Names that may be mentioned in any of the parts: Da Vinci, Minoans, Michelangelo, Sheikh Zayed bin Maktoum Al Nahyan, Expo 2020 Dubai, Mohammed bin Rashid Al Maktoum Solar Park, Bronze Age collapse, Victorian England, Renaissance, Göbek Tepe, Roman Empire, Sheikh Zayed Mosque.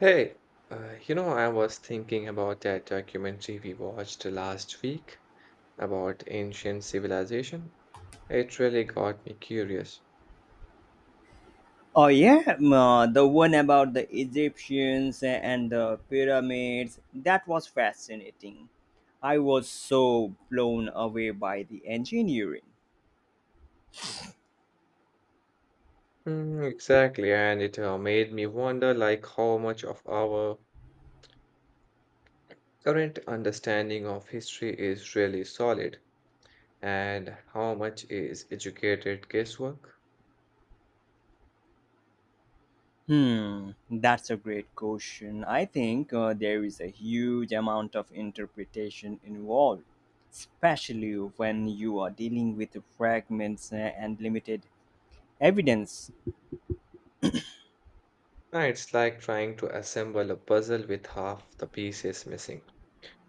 Hey, I was thinking about that documentary we watched last week about ancient civilization. It really got me curious. Oh yeah, the one about the Egyptians and the pyramids. That was fascinating. I was so blown away by the engineering. Mm, exactly, and it made me wonder like how much of our current understanding of history is really solid and how much is educated guesswork. That's a great question. I think there is a huge amount of interpretation involved, especially when you are dealing with fragments and limited evidence. It's like trying to assemble a puzzle with half the pieces missing,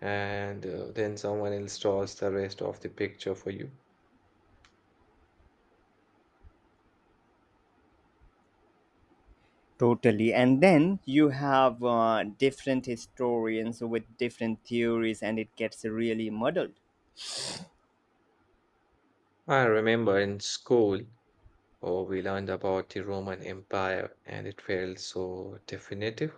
and then someone else draws the rest of the picture for you. Totally. And then you have different historians with different theories, and it gets really muddled. I remember in school, oh, we learned about the Roman Empire and it felt so definitive.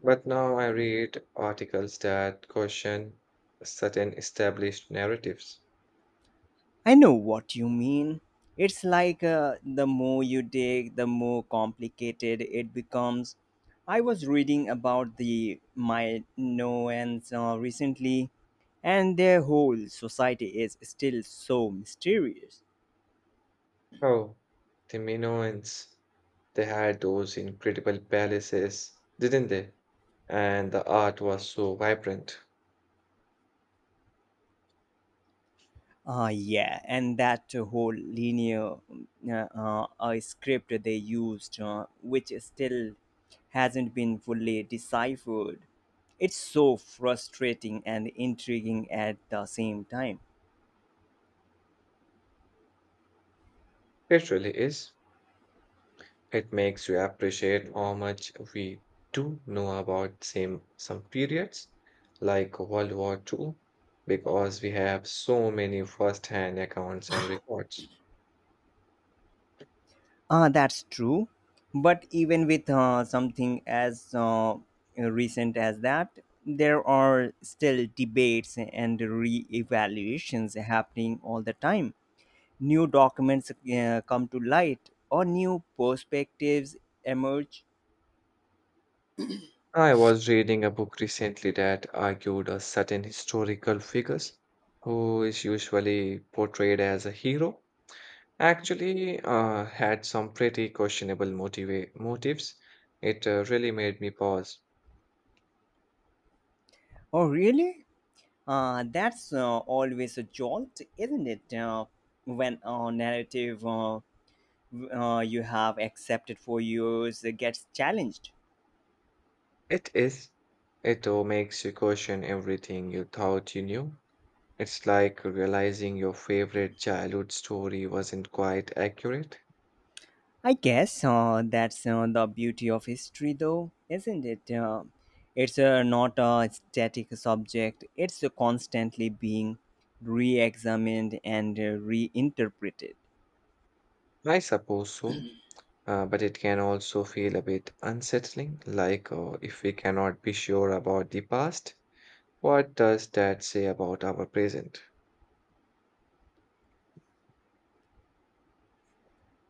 But now I read articles that question certain established narratives. I know what you mean. It's like the more you dig, the more complicated it becomes. I was reading about the Minoans recently, and their whole society is still so mysterious. Oh, the Minoans, they had those incredible palaces, didn't they? And the art was so vibrant. Yeah, and that whole linear script they used, which still hasn't been fully deciphered. It's so frustrating and intriguing at the same time. It really is. It makes you appreciate how much we do know about same some periods like World War Two, because we have so many first-hand accounts and records. That's true. But even with something as recent as that, there are still debates and re evaluations happening all the time new documents come to light or new perspectives emerge. I was reading a book recently that argued a certain historical figures who is usually portrayed as a hero actually had some pretty questionable motives. It really made me pause. Oh, really? That's always a jolt, isn't it? When a narrative you have accepted for years gets challenged. It is. It all makes you question everything you thought you knew. It's like realizing your favorite childhood story wasn't quite accurate. I guess that's the beauty of history, though, isn't it? It's not a static subject, it's constantly being re examined and reinterpreted. I suppose so, but it can also feel a bit unsettling, like if we cannot be sure about the past, what does that say about our present?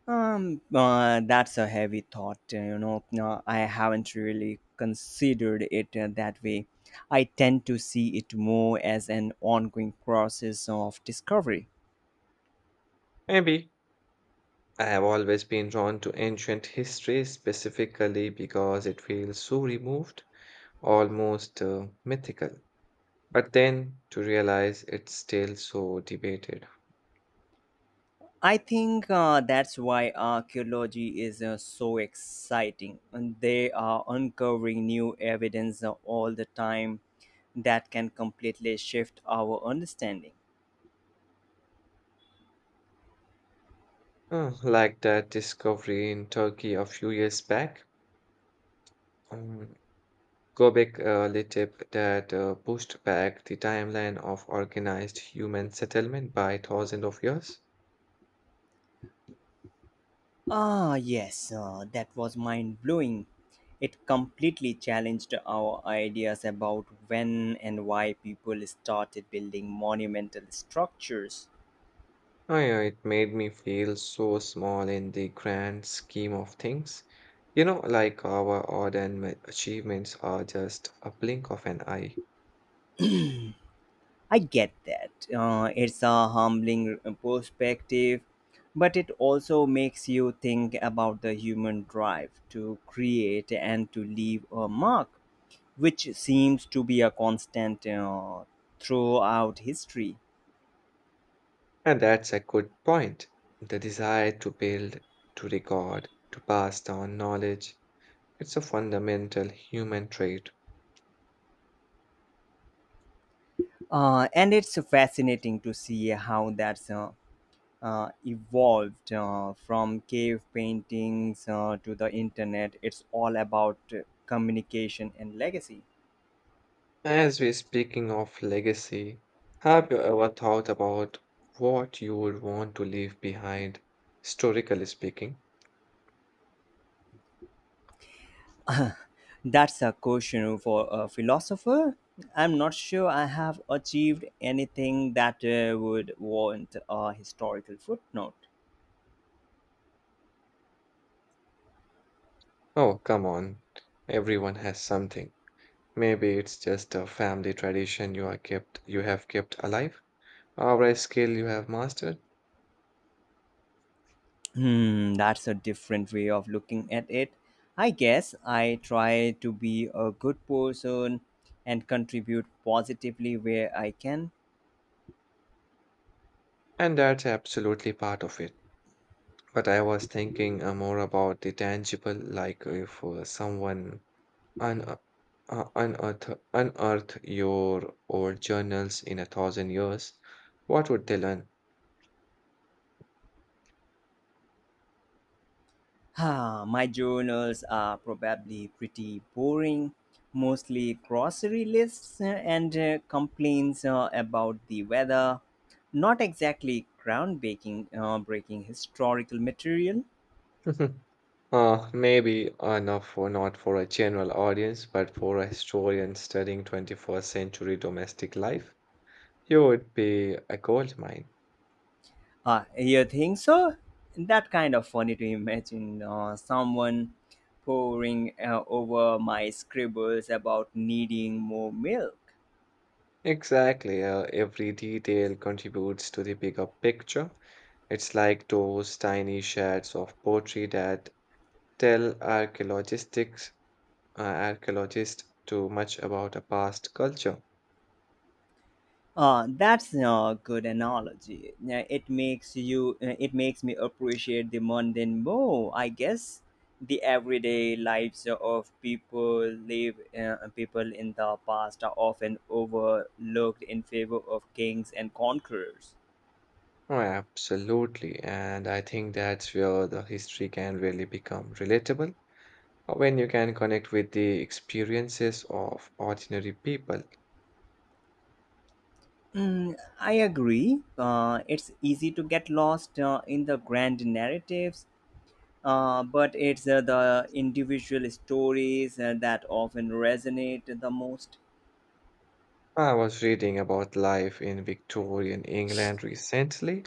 That's a heavy thought. No, I haven't really considered it that way. I tend to see it more as an ongoing process of discovery. Maybe. I have always been drawn to ancient history specifically because it feels so removed, almost mythical. But then to realize it's still so debated. I think that's why archaeology is so exciting. And they are uncovering new evidence all the time that can completely shift our understanding. Like that discovery in Turkey a few years back, um, Göbek Tepe that pushed back the timeline of organized human settlement by thousands of years. Ah, yes, that was mind blowing. It completely challenged our ideas about when and why people started building monumental structures. Oh yeah, it made me feel so small in the grand scheme of things. You know, like our achievements are just a blink of an eye. I get that. It's a humbling perspective, but it also makes you think about the human drive to create and to leave a mark, which seems to be a constant throughout history. And that's a good point. The desire to build, to record, to pass down knowledge. It's a fundamental human trait. And it's fascinating to see how that's evolved from cave paintings to the internet. It's all about communication and legacy. As we're speaking of legacy, have you ever thought about what you would want to leave behind, historically speaking? that's a question for a philosopher. I'm not sure I have achieved anything that would warrant a historical footnote. Oh, come on. Everyone has something. Maybe it's just a family tradition you have kept alive, or a skill you have mastered, That's a different way of looking at it. I guess I try to be a good person and contribute positively where I can. and that's absolutely part of it. But I was thinking more about the tangible, like if someone un unearth unearth your old journals in 1,000 years, what would they learn? Ah, my journals are probably pretty boring, mostly grocery lists and complaints about the weather. Not exactly groundbreaking, breaking historical material. Maybe not for a general audience, but for a historian studying 21st century domestic life, you would be a gold mine. You think so? That kind of funny to imagine someone poring over my scribbles about needing more milk. Exactly, every detail contributes to the bigger picture. It's like those tiny shards of poetry that tell archaeologists too much about a past culture. That's a good analogy. Yeah, It makes you. It makes me appreciate the mundane more. I guess the everyday lives of people live people in the past are often overlooked in favor of kings and conquerors. Oh, absolutely. And I think that's where the history can really become relatable when you can connect with the experiences of ordinary people. Mm, I agree. It's easy to get lost in the grand narratives, but it's the individual stories that often resonate the most. I was reading about life in Victorian England recently,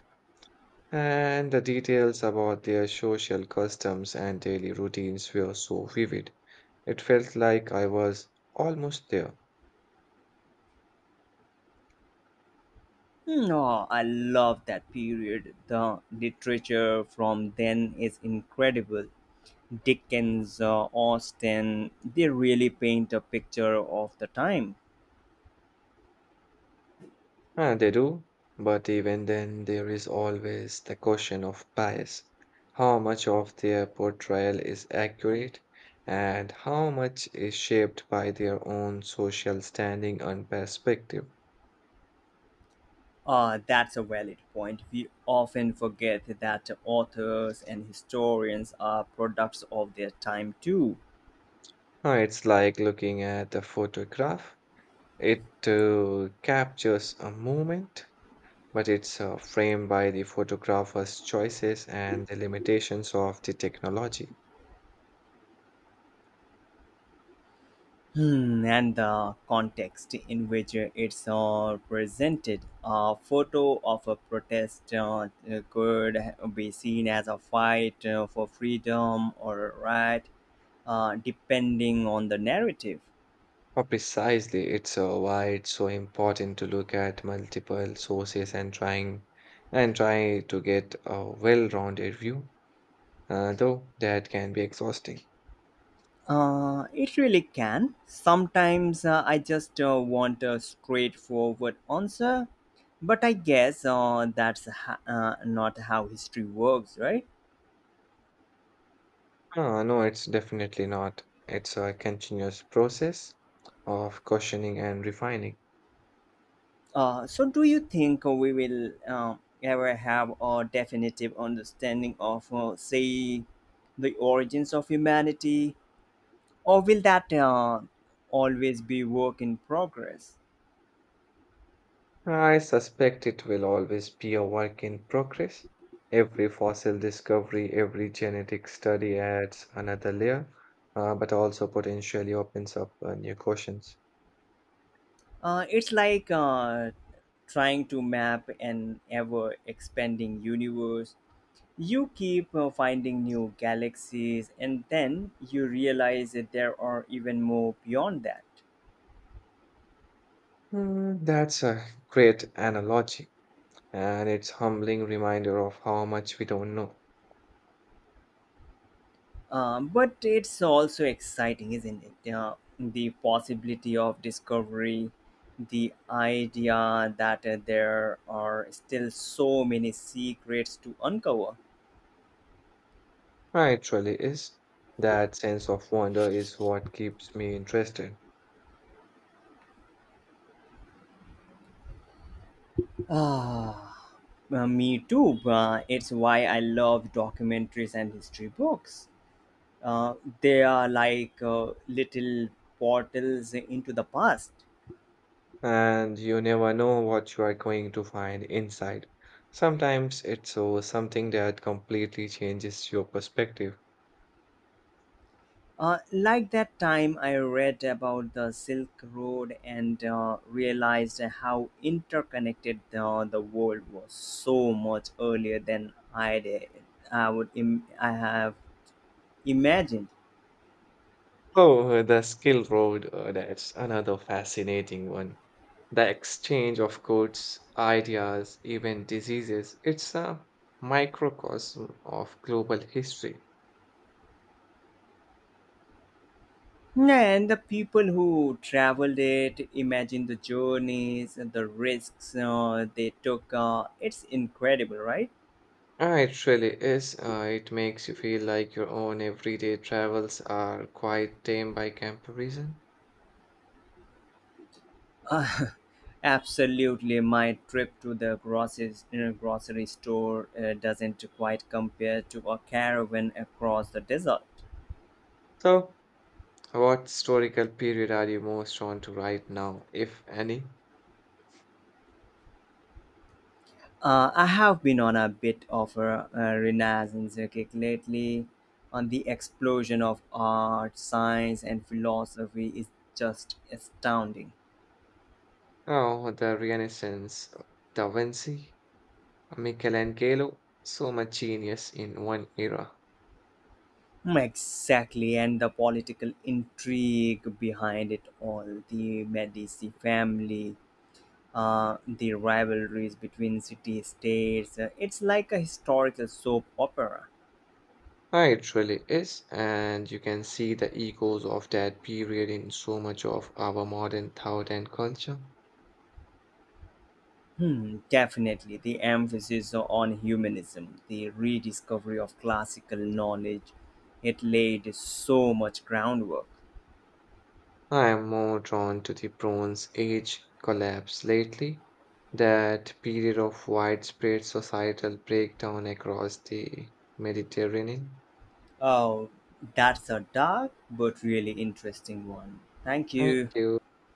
and the details about their social customs and daily routines were so vivid. It felt like I was almost there. No, I love that period. The literature from then is incredible. Dickens, Austen, they really paint a picture of the time. Ah, they do, but even then, there is always the question of bias. How much of their portrayal is accurate, and how much is shaped by their own social standing and perspective? That's a valid point. We often forget that authors and historians are products of their time too, Ah, it's like looking at a photograph. It captures a moment, but it's framed by the photographer's choices and the limitations of the technology. And the context in which it's presented. A photo of a protest could be seen as a fight for freedom or right, depending on the narrative. Oh, precisely. It's why it's so important to look at multiple sources and try to get a well-rounded view, though that can be exhausting. It really can. Sometimes I just want a straightforward answer, but I guess that's not how history works, right? No, it's definitely not. It's a continuous process of questioning and refining. So, do you think we will ever have a definitive understanding of, say, the origins of humanity, or will that always be work in progress? I suspect it will always be a work in progress. Every fossil discovery, every genetic study adds another layer, but also potentially opens up new questions. It's like trying to map an ever expanding universe. You keep finding new galaxies, and then you realize that there are even more beyond that. Mm, that's a great analogy, and it's humbling reminder of how much we don't know. But it's also exciting, isn't it? The possibility of discovery, the idea that there are still so many secrets to uncover. Ah, it truly is. That sense of wonder is what keeps me interested, Ah, Me too. It's why I love documentaries and history books. Uh, they are like little portals into the past. and you never know what you are going to find inside. Sometimes it's something that completely changes your perspective. Like that time I read about the Silk Road and realized how interconnected the world was so much earlier than I did. I have imagined. Oh, the skill road, that's another fascinating one. The exchange of goods, ideas, even diseases, it's a microcosm of global history. And the people who traveled it, imagine the journeys and the risks they took. It's incredible, right? Ah, it really is. It makes you feel like your own everyday travels are quite tame by comparison. Uh, absolutely, my trip to the grocery store doesn't quite compare to a caravan across the desert. So, what historical period are you most drawn to right now, if any? I have been on a bit of a renaissance kick lately. On the explosion of art, science, and philosophy is just astounding. Oh, the Renaissance, Da Vinci, Michelangelo, so much genius in one era. Exactly, and the political intrigue behind it all. The Medici family, the rivalries between city states. It's like a historical soap opera. Ah, it really is, and you can see the echoes of that period in so much of our modern thought and culture. Definitely. The emphasis on humanism, the rediscovery of classical knowledge, it laid so much groundwork. I am more drawn to the Bronze Age collapse lately, that period of widespread societal breakdown across the Mediterranean. Oh, that's a dark but really interesting one. Thank Thank you. you.